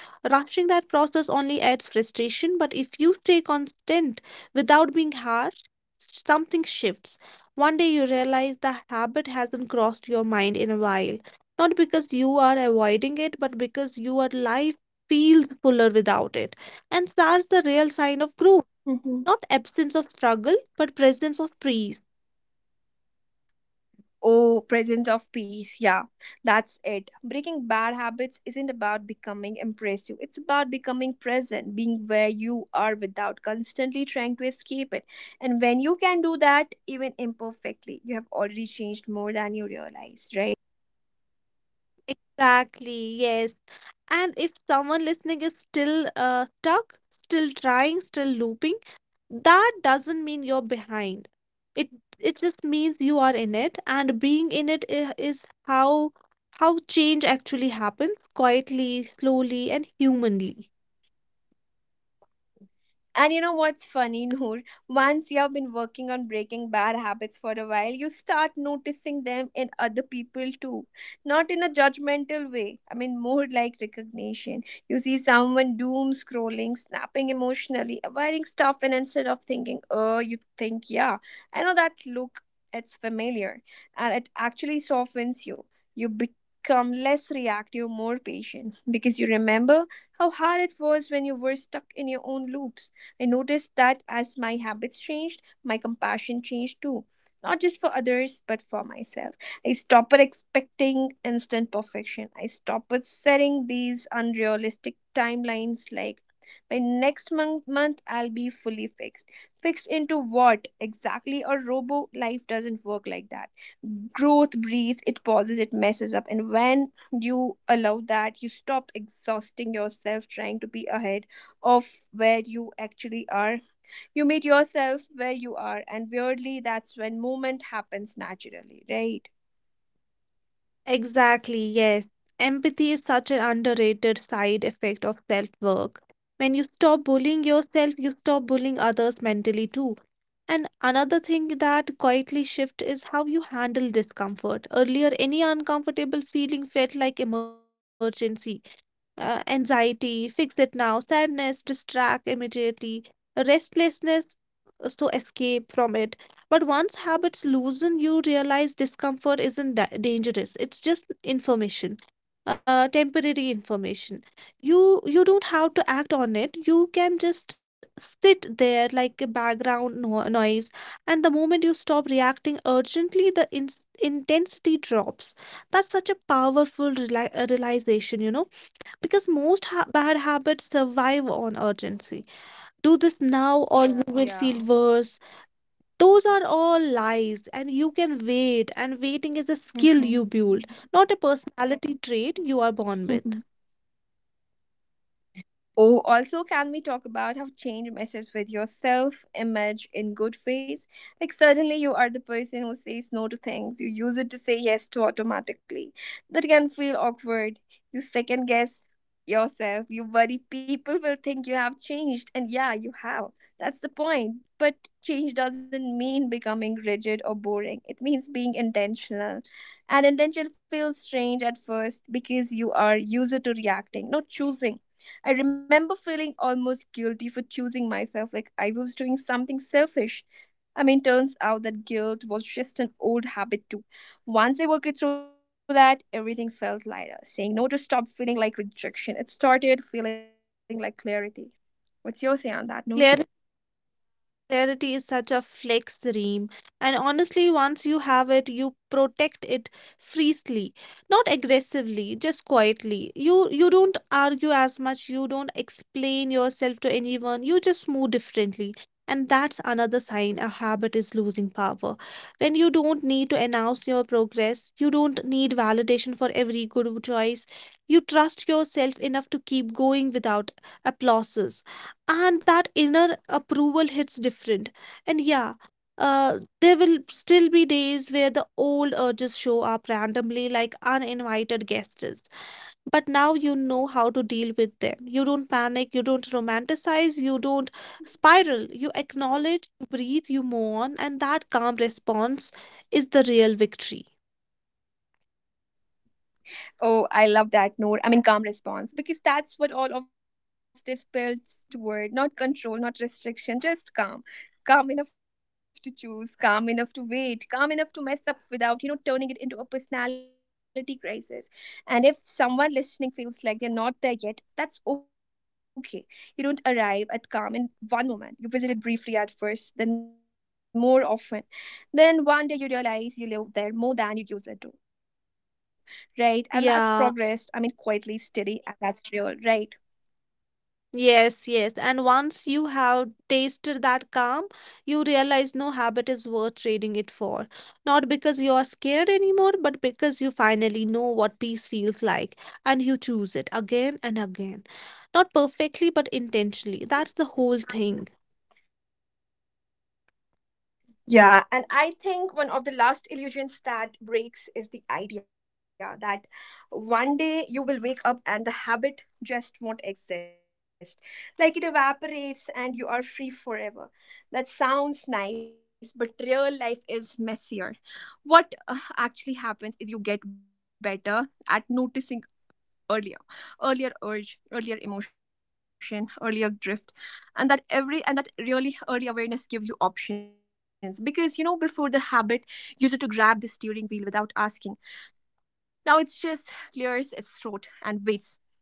Speaker 2: Rushing that process only adds frustration, but if you stay constant without being harsh, something shifts. One day you realize the habit hasn't crossed your mind in a while, not because you are avoiding it, but because your life feels fuller without it. And that's the real sign of growth,
Speaker 1: Hmm.
Speaker 2: not absence of struggle, but presence of peace.
Speaker 1: Oh, presence of peace, yeah. That's it. Breaking bad habits isn't about becoming impressive, it's about becoming present, being where you are without constantly trying to escape it. And when you can do that, even imperfectly, you have already changed more than you realize, right?
Speaker 2: Exactly, yes. And if someone listening is still stuck, still trying, still looping, that doesn't mean you're behind. It it just means you are in it, and being in it is how change actually happens, quietly, slowly, and humanly.
Speaker 1: And you know what's funny, Noor? Once you have been working on breaking bad habits for a while, you start noticing them in other people too. Not in a judgmental way, I mean, more like recognition. You see someone doom scrolling, snapping emotionally, avoiding stuff, and instead of thinking, oh, you think, yeah, I know that look, it's familiar. And it actually softens you. You become less reactive, more patient, because you remember how hard it was when you were stuck in your own loops. I noticed that as my habits changed, my compassion changed too. Not just for others, but for myself. I stopped expecting instant perfection. I stopped setting these unrealistic timelines like, by next month, I'll be fully fixed. Fixed into what exactly? A robo life doesn't work like that. Growth breathes, it pauses, it messes up, and when you allow that, you stop exhausting yourself trying to be ahead of where you actually are. You meet yourself where you are, and weirdly, that's when movement happens naturally, right?
Speaker 2: Exactly, yes. Empathy is such an underrated side effect of self work. When you stop bullying yourself, you stop bullying others mentally too. And another thing that quietly shift is how you handle discomfort. Earlier, any uncomfortable feeling felt like emergency, anxiety, fix it now, sadness, distract immediately, restlessness so escape from it. But once habits loosen, you realize discomfort isn't dangerous. It's just information, temporary information. You don't have to act on it. You can just sit there like a background noise, and the moment you stop reacting urgently, the intensity drops. That's such a powerful realization, you know, because most bad habits survive on urgency. Do this now, or you will feel
Speaker 1: Yeah.
Speaker 2: worse. Those are all lies, and you can wait, and waiting is a skill you
Speaker 1: Mhm.
Speaker 2: build, not a personality trait you are born with.
Speaker 1: Oh, also, can we talk about how change messes with your self image in good ways? Like, suddenly you are the person who says no to things, you use it to say yes to automatically. That can feel awkward. You second guess yourself, you worry people will think you have changed, and yeah, you have. That's the point. But change doesn't mean becoming rigid or boring, it means being intentional. And intention feels strange at first because you are used to reacting, not choosing. I remember feeling almost guilty for choosing myself, like I was doing something selfish. I mean, turns out that guilt was just an old habit, too. Once I worked through that, everything felt lighter. Saying no to stop feeling like rejection, it started feeling like clarity. What's your say on that,
Speaker 2: Clear
Speaker 1: Noor?
Speaker 2: Clarity is such a flex dream, and honestly, once you have it, you protect it freely, not aggressively, just quietly. You don't argue as much, you don't explain yourself to anyone, you just move differently. And that's another sign a habit is losing power. When you don't need to announce your progress, you don't need validation for every good choice. You trust yourself enough to keep going without applauses, and that inner approval hits different. And yeah, there will still be days where the old urges show up randomly like uninvited guests, but now you know how to deal with them. You don't panic, you don't romanticize, you don't spiral. You acknowledge, you breathe, you move on, and that calm response is the real victory.
Speaker 1: Oh, I love that, Noor. I mean, calm response, because that's what all of this builds toward, not control, not restriction, just calm. Calm enough to choose, calm enough to wait, calm enough to mess up without turning it into a personality crisis. And if someone listening feels like they're not there yet, that's okay. You don't arrive at calm in one moment. You visit it briefly at first, then more often. Then one day you realize you live there more than you use it to, right? And that's
Speaker 2: Yeah,
Speaker 1: progressed. I mean, quietly, steady, and that's real, right?
Speaker 2: yes, yes. And once you have tasted that calm, you realize no habit is worth trading it for. Not because you are scared anymore, but because you finally know what peace feels like, and you choose it again and again. Not perfectly, but intentionally. That's the whole thing.
Speaker 1: Yeah, and I think one of the last illusions that breaks is the idea that one day you will wake up and the habit just won't exist. Like it evaporates and you are free forever. That sounds nice, but real life is messier. What actually happens is you get better at noticing earlier. Earlier urge, earlier emotion, earlier drift, and that really early awareness gives you options, because you know, before the habit used to grab the steering wheel without asking. Now it's just clears its throat and waits.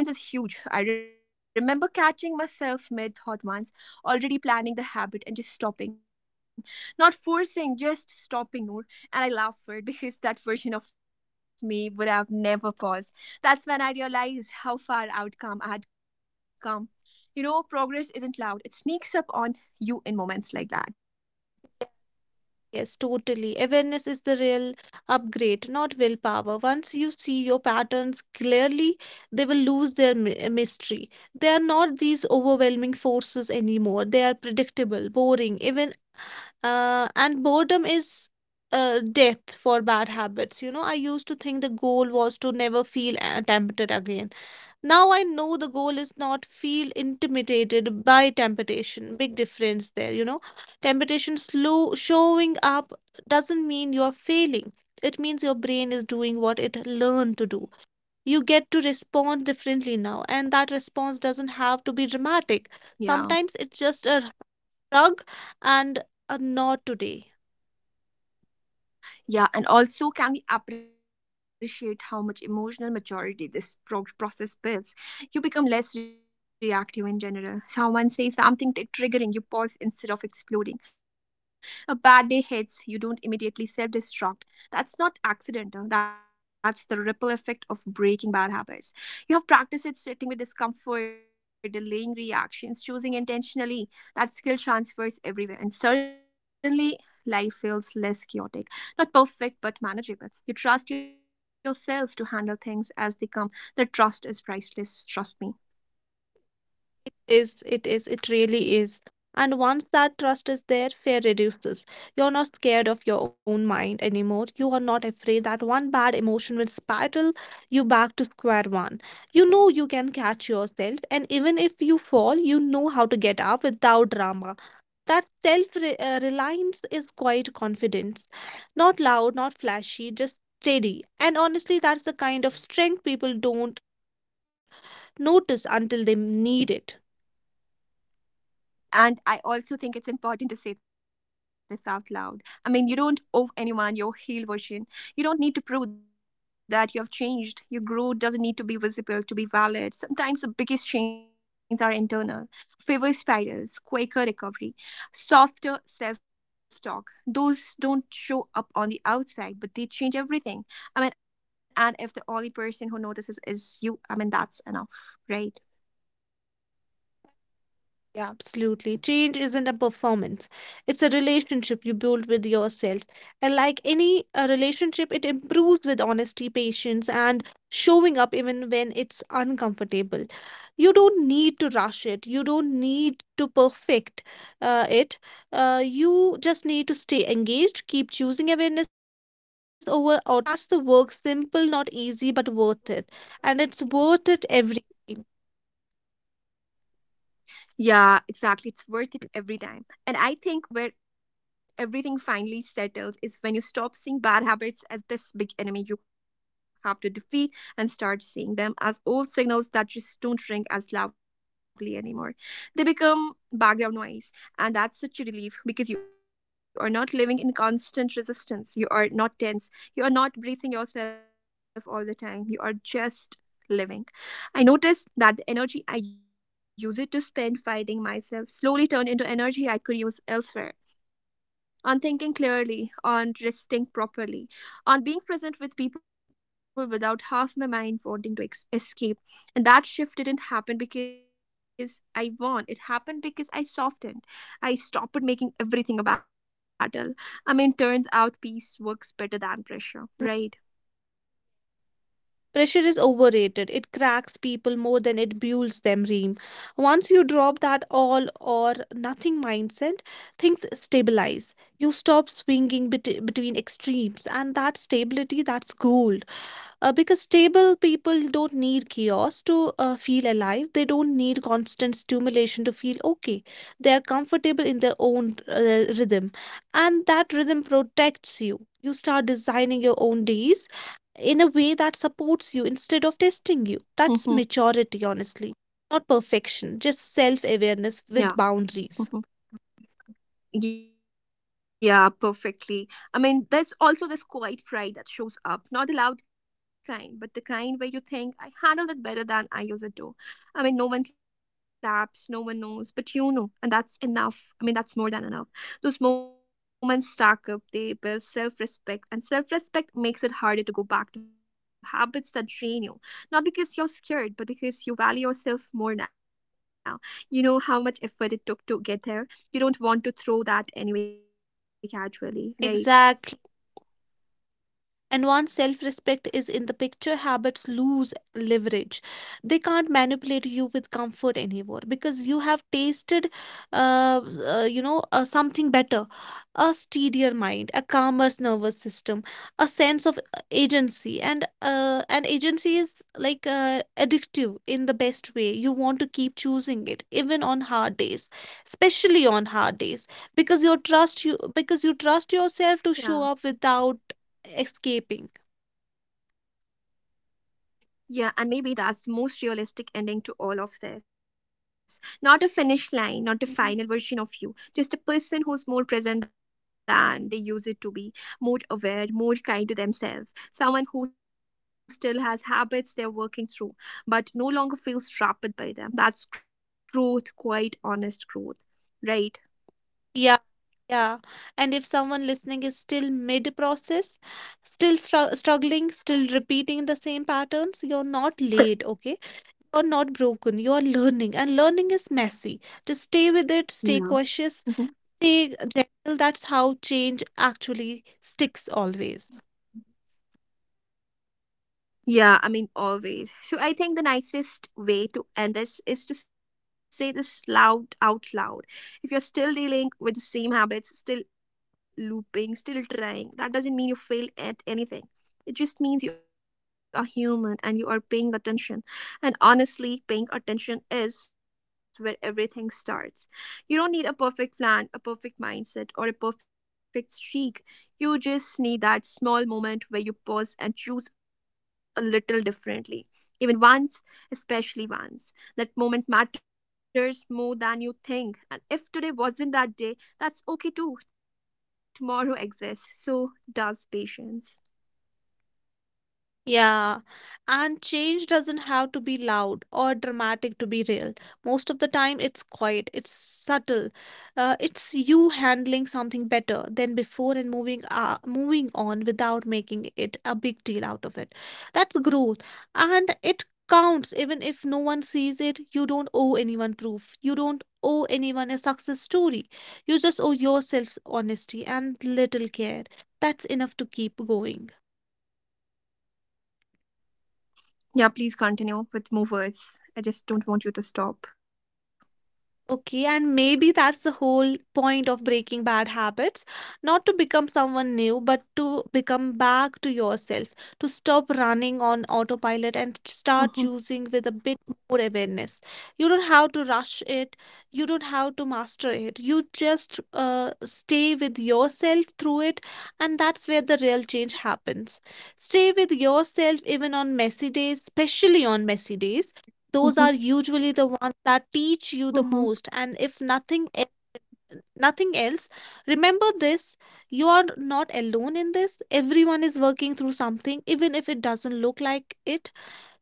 Speaker 1: That difference is huge. I remember catching myself mid thought once, already planning the habit and just stopping. Not forcing, just stopping, Noor. And I laughed because that version of me would have never paused. That's when I realized how far outcome I had come. You know, progress isn't loud, it sneaks up on you in moments like that, right?
Speaker 2: Yes, totally. Awareness is the real upgrade, not willpower. Once you see your patterns clearly, they will lose their mystery. They are not these overwhelming forces anymore. They are predictable, boring, even. And boredom is death for bad habits. You know, I used to think the goal was to never feel tempted again. Now I know the goal is not feel intimidated by temptation. Big difference there, you know. Temptation slow showing up doesn't mean you're failing. It means your brain is doing what it learned to do. You get to respond differently now, and that response doesn't have to be dramatic. Sometimes it's just a hug
Speaker 1: Yeah.
Speaker 2: and a not today.
Speaker 1: Yeah, and also, can we appreciate how much emotional maturity this process builds? You become less reactive in general. Someone says something triggering, you pause instead of exploding. A bad day hits, you don't immediately self destruct. That's not accidental, that's the ripple effect of breaking bad habits. You have practiced it sitting with discomfort, delaying reactions, choosing intentionally. That skill transfers everywhere, and suddenly, life feels less chaotic, not perfect, but manageable. You trust yourself to handle things as they come. The trust is priceless, trust me.
Speaker 2: Is it really is. And once that trust is there, fear reduces. You're not scared of your own mind anymore, you are not afraid that one bad emotion will spiral you back to square one. You know you can catch yourself, and even if you fall, you know how to get up without drama. That self reliance is quite confidence, not loud, not flashy, just steady. And honestly, that's the kind of strength people don't notice until they need it.
Speaker 1: And I also think it's important to say this out loud. I mean, you don't owe anyone your healed version. You don't need to prove that you have changed. Your growth doesn't need to be visible to be valid. Sometimes the biggest changes are internal, favor spirals, quicker recovery, softer self talk. Those don't show up on the outside, but they change everything. I mean, and if the only person who notices is you, I mean, that's enough, right?
Speaker 2: Yeah, absolutely. Change isn't a performance, it's a relationship you build with yourself. And like any relationship, it improves with honesty, patience, and showing up even when it's uncomfortable. You don't need to rush it, you don't need to perfect it. You just need to stay engaged, keep choosing awareness over autopilot. That's the work, simple, not easy, but worth it. And it's worth it every time.
Speaker 1: Yeah, exactly. It's worth it every time. And I think where everything finally settles is when you stop seeing bad habits as this big enemy you have to defeat and start seeing them as old signals that just don't ring as loudly anymore. They become background noise, and that's such a relief because you are not living in constant resistance. You are not tense. You are not bracing yourself all the time. You are just living. I noticed that the energy I used to spend fighting myself slowly turned into energy I could use elsewhere. On thinking clearly, on resting properly, on being present with people without half my mind wanting to escape. And that shift didn't happen because I won. It happened because I softened. I stopped making everything a battle. I mean, turns out peace works better than
Speaker 2: Mhm.
Speaker 1: pressure, right?
Speaker 2: Pressure is overrated. It cracks people more than it builds them, Reem. Once you drop that all or nothing mindset, things stabilize. You stop swinging between extremes, and that stability, that's gold. Because stable people don't need chaos to feel alive. They don't need constant stimulation to feel okay. They are comfortable in their own rhythm, and that rhythm protects you. You start designing your own days in a way that supports you instead of testing you. That's maturity, honestly. Not
Speaker 1: Mm-hmm.
Speaker 2: perfection, just self awareness
Speaker 1: Yeah.
Speaker 2: with boundaries.
Speaker 1: Mhm. Yeah, perfectly. I mean, there's also this quiet pride that shows up, not the loud kind, but the kind where you think, I handled it better than I used it to. I mean, no one claps, no one knows, but you know, and that's enough. I mean, that's more than enough. Those moments stack up, they build self respect, and self respect makes it harder to go back to habits that drain you. Not because you're scared, but because you value yourself more now. You know how much effort it took to get there, you don't want to throw that anyway casually, right?
Speaker 2: Exactly. And once self respect is in the picture, habits lose leverage. They can't manipulate you with comfort anymore because you have tasted, uh, something better, a steadier mind, a calmer nervous system, a sense of agency. And an agency is like addictive in the best way. You want to keep choosing it, even on hard days, especially on hard days, because you trust yourself to show
Speaker 1: Yeah.
Speaker 2: up without escaping.
Speaker 1: Yeah, and maybe that's the most realistic ending to all of this. Not a finish line, not a
Speaker 2: Mhm.
Speaker 1: final version of you, just a person who's more present than they use it to be, more aware, more kind to themselves, someone who still has habits they're working through, but no longer feels trapped by them. That's growth, quite honest growth, right?
Speaker 2: Yeah, yeah. And if someone listening is still mid-process, still struggling, still repeating the same patterns, you're not late, okay? You're not broken. You're learning, and learning is messy. Just stay with it, stay
Speaker 1: Yeah.
Speaker 2: cautious, stay
Speaker 1: Mhm.
Speaker 2: gentle. That's how change actually sticks always.
Speaker 1: Yeah, I mean, always. So I think the nicest way to end this is to say this loud out loud. If you're still dealing with the same habits, still looping, still trying, that doesn't mean you fail at anything. It just means you are human and you are paying attention. And honestly, paying attention is where everything starts. You don't need a perfect plan, a perfect mindset, or a perfect streak. You just need that small moment where you pause and choose a little differently. Even once, especially once. That moment matters more than you think. And if today wasn't that day, that's okay too. Tomorrow exists. So does patience.
Speaker 2: Yeah, and change doesn't have to be loud or dramatic to be real. Most of the time, it's quiet, it's subtle. It's you handling something better than before and moving on without making it a big deal out of it. That's growth, and it counts even if no one sees it. You don't owe anyone proof. You don't owe anyone a success story. You just owe yourself honesty and little care. That's enough to keep going.
Speaker 1: Yeah, please continue with more words. I just don't want you to stop.
Speaker 2: Okay, and maybe that's the whole point of breaking bad habits, not to become someone new, but to become back to yourself, to stop running on autopilot and start
Speaker 1: Mm-hmm,
Speaker 2: choosing with a bit more awareness. You don't have to rush it, you don't have to master it. You just stay with yourself through it, and that's where the real change happens. Stay with yourself even on messy days, especially on messy days. Those are usually
Speaker 1: mm-hmm,
Speaker 2: the ones that teach you the
Speaker 1: mm-hmm.
Speaker 2: most. And if nothing else, remember this: you are not alone in this, everyone is working through something, even if it doesn't look like it.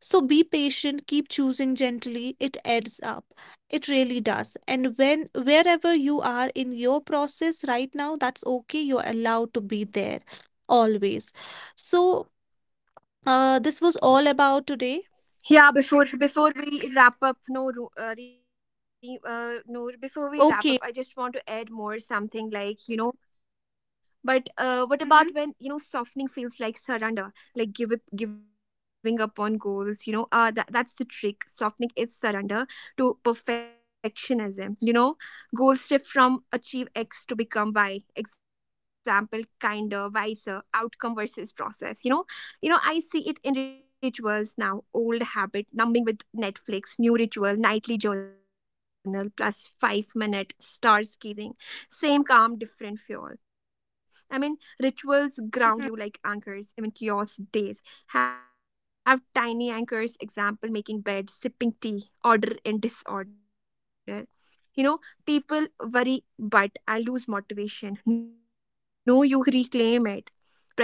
Speaker 2: So be patient, keep choosing gently, it adds up. It really does. And when wherever you are in your process right now, that's okay, you're allowed to be there always. So this was all about today.
Speaker 1: Yeah, before we wrap up, no, Ru- re, Noor, before we wrap up,
Speaker 2: Okay.
Speaker 1: I just want to add more something like you know, but what about
Speaker 2: Mm-hmm.
Speaker 1: when you know softening feels like surrender, like give up, giving up on goals, you know, that's the trick. Softening is surrender to perfectionism. You know, goals shift from achieve X to become Y. Example, kinder, wiser, outcome versus process. You know, I see it in rituals now, old habit, numbing with Netflix, new ritual, nightly journal, plus 5 minute stars gazing, same calm, different fuel. I mean, rituals ground you like anchors, even kiosk days. Have tiny anchors, example, making bed, sipping tea, order in disorder. You know, people worry but I'll lose motivation. No, you reclaim it,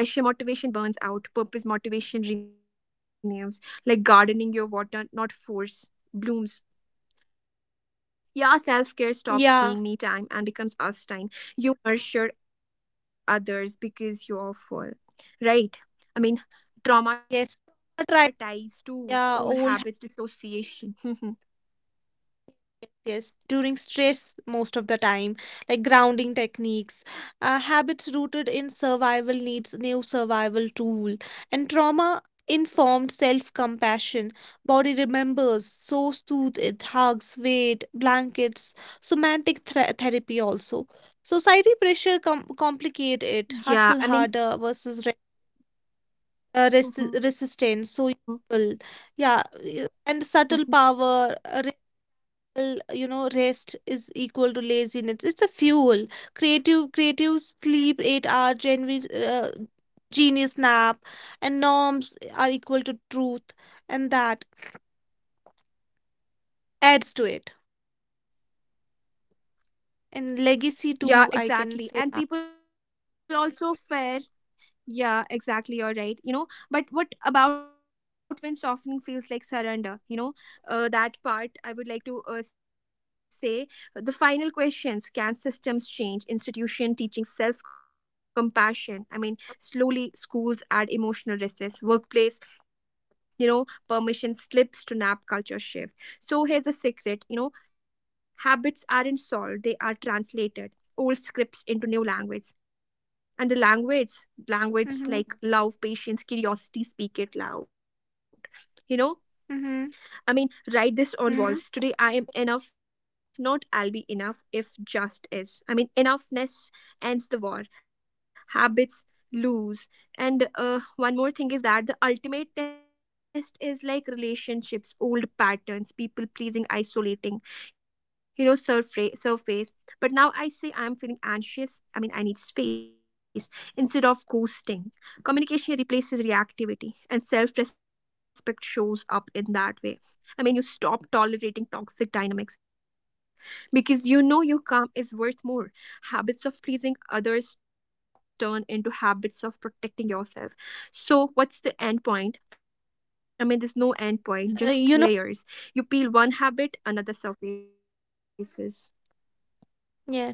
Speaker 1: pressure motivation burns out, purpose motivation renews, like gardening, your water not force blooms. Yeah, self-care stops
Speaker 2: Yeah.
Speaker 1: being me time and becomes us time, you nurture others because you're full, right? I mean,
Speaker 2: Yes, trauma
Speaker 1: trauma
Speaker 2: tried,
Speaker 1: ties to
Speaker 2: yeah,
Speaker 1: old
Speaker 2: old habits,
Speaker 1: habits, dissociation. Mhm.
Speaker 2: yes, during stress most of the time, like grounding techniques, habits rooted in survival needs new survival tool, and trauma informed self-compassion. Body remembers, so soothe it, hugs, weight, blankets, somatic therapy also. Society pressure complicate it,
Speaker 1: Yeah,
Speaker 2: hustle
Speaker 1: I mean.
Speaker 2: harder versus resistance so
Speaker 1: Mhm,
Speaker 2: useful. Yeah and subtle power,
Speaker 1: mhm.
Speaker 2: real, you know. Rest is equal to laziness, it's a fuel. Creative sleep, 8-hour genuine, uh, genius nap. And norms are equal to truth, and that adds to it, and legacy too, I can
Speaker 1: Yeah,
Speaker 2: say that.
Speaker 1: exactly, and people also fear. Yeah, exactly. You're right. You know, but what about when softening feels like surrender? You know, that part I would like to say, the final questions, can systems change? Institution teaching self compassion. I mean, slowly schools add emotional recess, workplace, you know, permission slips to nap culture shift. So here's the secret, you know, habits aren't solved, they are translated. Old scripts into new language, and the language, like
Speaker 2: Mm-hmm.
Speaker 1: love, patience, curiosity, speak it loud, you know.
Speaker 2: Mm-hmm.
Speaker 1: I mean, write this
Speaker 2: Mm-hmm.
Speaker 1: on walls. Today I am enough, not I'll be enough if just is. I mean, enoughness ends the war. Habits lose. And one more thing is that the ultimate test is like relationships, old patterns, people pleasing, isolating, you know, surface. But now I say I'm feeling anxious. I mean, I need space instead of coasting. Communication replaces reactivity, and self respect shows up in that way. I mean, you stop tolerating toxic dynamics because you know your calm is worth more. Habits of pleasing others turn into habits of protecting yourself. So, what's the end point? I mean, there's no end point, just
Speaker 2: You know,
Speaker 1: layers. You peel one habit, another surfaces.
Speaker 2: yes.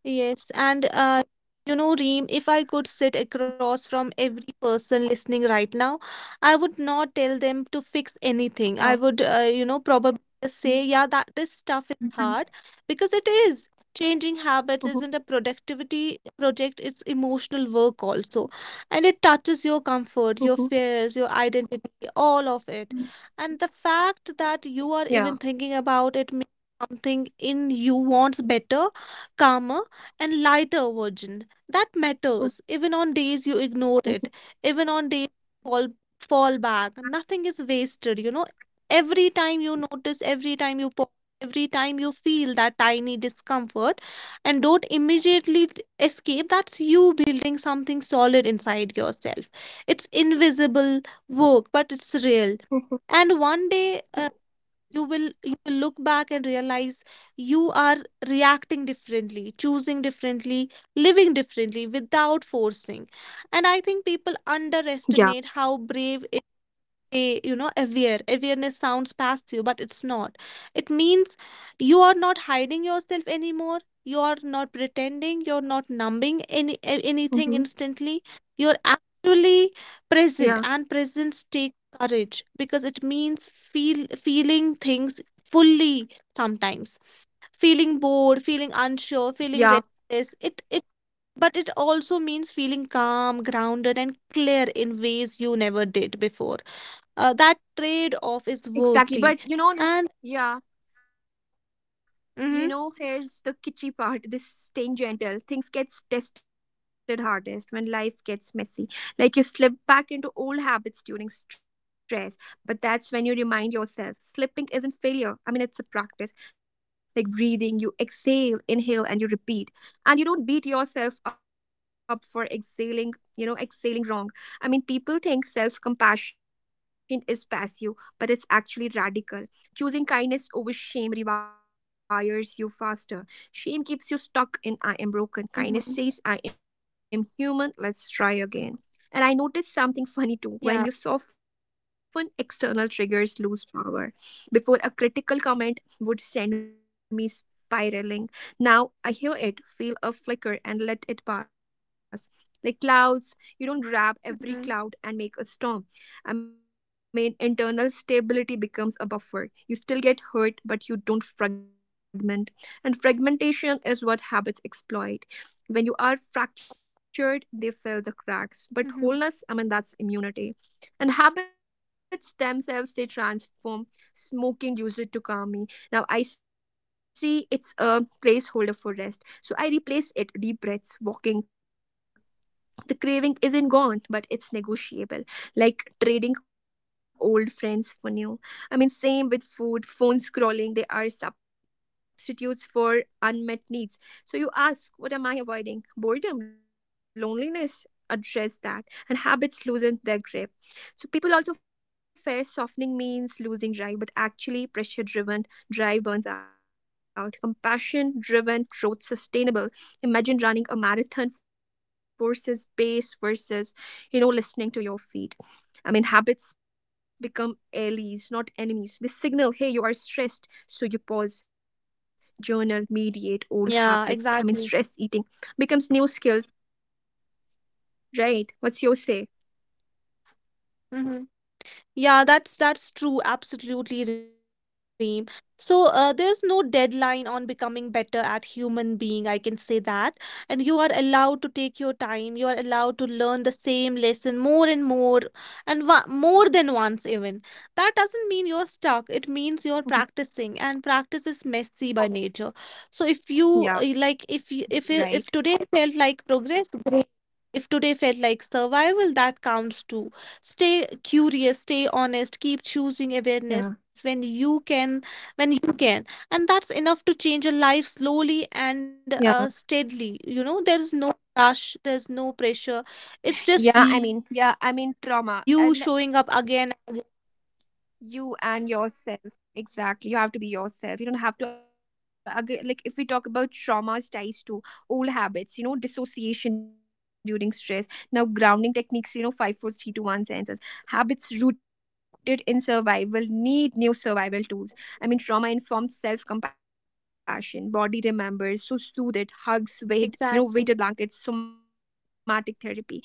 Speaker 2: Yes,
Speaker 1: Yeah,
Speaker 2: and you know, Reem, if I could sit across from every person listening right now, I would not tell them to fix anything. I would,
Speaker 1: yeah.
Speaker 2: probably just say, yeah, that this stuff is
Speaker 1: Mm-hmm.
Speaker 2: hard because it is. Changing habits isn't a
Speaker 1: Mm-hmm.
Speaker 2: productivity project, it's emotional work also. And it touches your comfort, your fears, your
Speaker 1: Mm-hmm.
Speaker 2: identity, all of it. And the fact that you are even thinking about it
Speaker 1: Yeah.
Speaker 2: means something in you wants better, calmer, and lighter version that
Speaker 1: Mhm.
Speaker 2: matters even on days you ignore it, even on days you fall back. Nothing is wasted, you know. Every time you notice, every time you pause, every time you feel that tiny discomfort and don't immediately escape, that's you building something solid inside yourself. It's invisible work, but it's real.
Speaker 1: Mhm.
Speaker 2: And one day you will look back and realize you are reacting differently, choosing differently, living differently, without forcing. And I think people underestimate how brave,
Speaker 1: Yeah.
Speaker 2: say, you know, aware. Awareness sounds passive, but it's not. It means you are not hiding yourself anymore. You are not pretending. You're not numbing anything
Speaker 1: Mhm.
Speaker 2: instantly. You're actually present, and presence takes
Speaker 1: Yeah.
Speaker 2: courage because it means feeling things fully sometimes. Feeling bored, feeling unsure, feeling restless.
Speaker 1: Yeah.
Speaker 2: It But it also means feeling calm, grounded, and clear in ways you never did before. That trade off is worthy.
Speaker 1: Exactly. But you
Speaker 2: And
Speaker 1: know, no. Yeah.
Speaker 2: mm-hmm.
Speaker 1: You know, here's the kitschy part, this staying gentle. Things gets tested hardest when life gets messy. Like you slip back into old habits during stress, but that's when you remind yourself slipping isn't failure. I mean, it's a practice like breathing. You exhale, inhale, and you repeat. And you don't beat yourself up for exhaling, exhaling wrong. I mean, people think self compassion is passive, but it's actually radical. Choosing kindness over shame rewires you faster. Shame keeps you stuck in I am
Speaker 2: Mm-hmm.
Speaker 1: broken. Kindness says I am human, let's try again. And I noticed something
Speaker 2: Yeah.
Speaker 1: funny too. When you soften, external triggers lose power. Before a critical comment would send me spiraling. Now I hear it, feel a flicker, and let it pass. Like clouds, you don't
Speaker 2: Mm-hmm.
Speaker 1: grab every cloud and make a storm. I mean, internal stability becomes a buffer, you still get hurt but you don't fragment, and fragmentation is what habits exploit. When you are
Speaker 2: Mm-hmm.
Speaker 1: fractured, they fill the cracks, but wholeness, I mean, that's immunity. And habits themselves, they transform. Smoking user to calm me. Now I see it's a placeholder for rest, so I replace it, deep breaths, walking. The craving isn't gone, but it's negotiable, like trading old friends for new. I mean, same with food, phone scrolling, they are substitutes for unmet needs. So you ask, what am I avoiding, boredom, loneliness? Address that, and habits loosen their grip. So people also fear softening means losing drive, but actually pressure driven drive burns out, compassion driven growth sustainable. Imagine running a marathon versus pace versus, you know, listening to your feet. I mean, habits become allies, not enemies, they signal, hey, you are stressed, so you pause, journal, mediate old
Speaker 2: Yeah,
Speaker 1: habits. I mean,
Speaker 2: exactly.
Speaker 1: stress eating becomes new skills. Right, what's your say?
Speaker 2: Mm-hmm. Yeah, that's true. Absolutely, Reem. So there's no deadline on becoming better at human being. I can say that, and you are allowed to take your time. You are allowed to learn the same lesson more and more, and more than once even. That doesn't mean you're stuck. It means you're practicing, and
Speaker 1: Mhm.
Speaker 2: practice is messy by nature. So if you
Speaker 1: Yeah,
Speaker 2: if today
Speaker 1: right.
Speaker 2: felt like progress, great. If today felt like survival, that counts too. Stay curious, stay honest, keep choosing
Speaker 1: Yeah,
Speaker 2: awareness when you can, when you can. And that's enough to change a life slowly and
Speaker 1: yeah,
Speaker 2: steadily. You know, there is no rush, there's no
Speaker 1: yeah,
Speaker 2: pressure,
Speaker 1: I mean.
Speaker 2: it's
Speaker 1: Yeah, I
Speaker 2: just
Speaker 1: mean,
Speaker 2: you
Speaker 1: trauma.
Speaker 2: showing up again.
Speaker 1: You and yourself, exactly. You have to be yourself, you don't
Speaker 2: Hmm.
Speaker 1: have to like if we talk about traumas ties to old habits, you know, dissociation during stress. Now grounding techniques, you know, 5, 4, 3, 2, 1 senses. Habits rooted in survival need new survival tools. I mean, trauma informs self-compassion, body remembers, so soothe it, hugs, weight, you know, weighted
Speaker 2: Exactly.
Speaker 1: blankets, somatic therapy.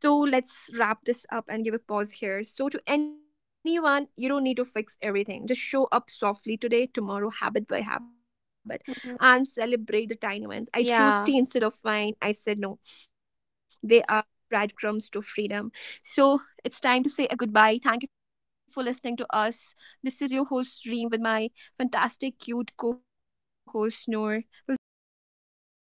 Speaker 1: So let's wrap this up and give a pause here. So, to anyone, you don't need to fix everything. Just show up softly today, tomorrow, habit by habit, and celebrate the tiny
Speaker 2: Hmm.
Speaker 1: wins. I choose tea instead of wine.
Speaker 2: Yeah.
Speaker 1: I said no. They are breadcrumbs to freedom. So, it's time to say a goodbye. Thank you for listening to us. This is your host, Reem, with my fantastic, cute co host, Noor. We'll see you next time. Bye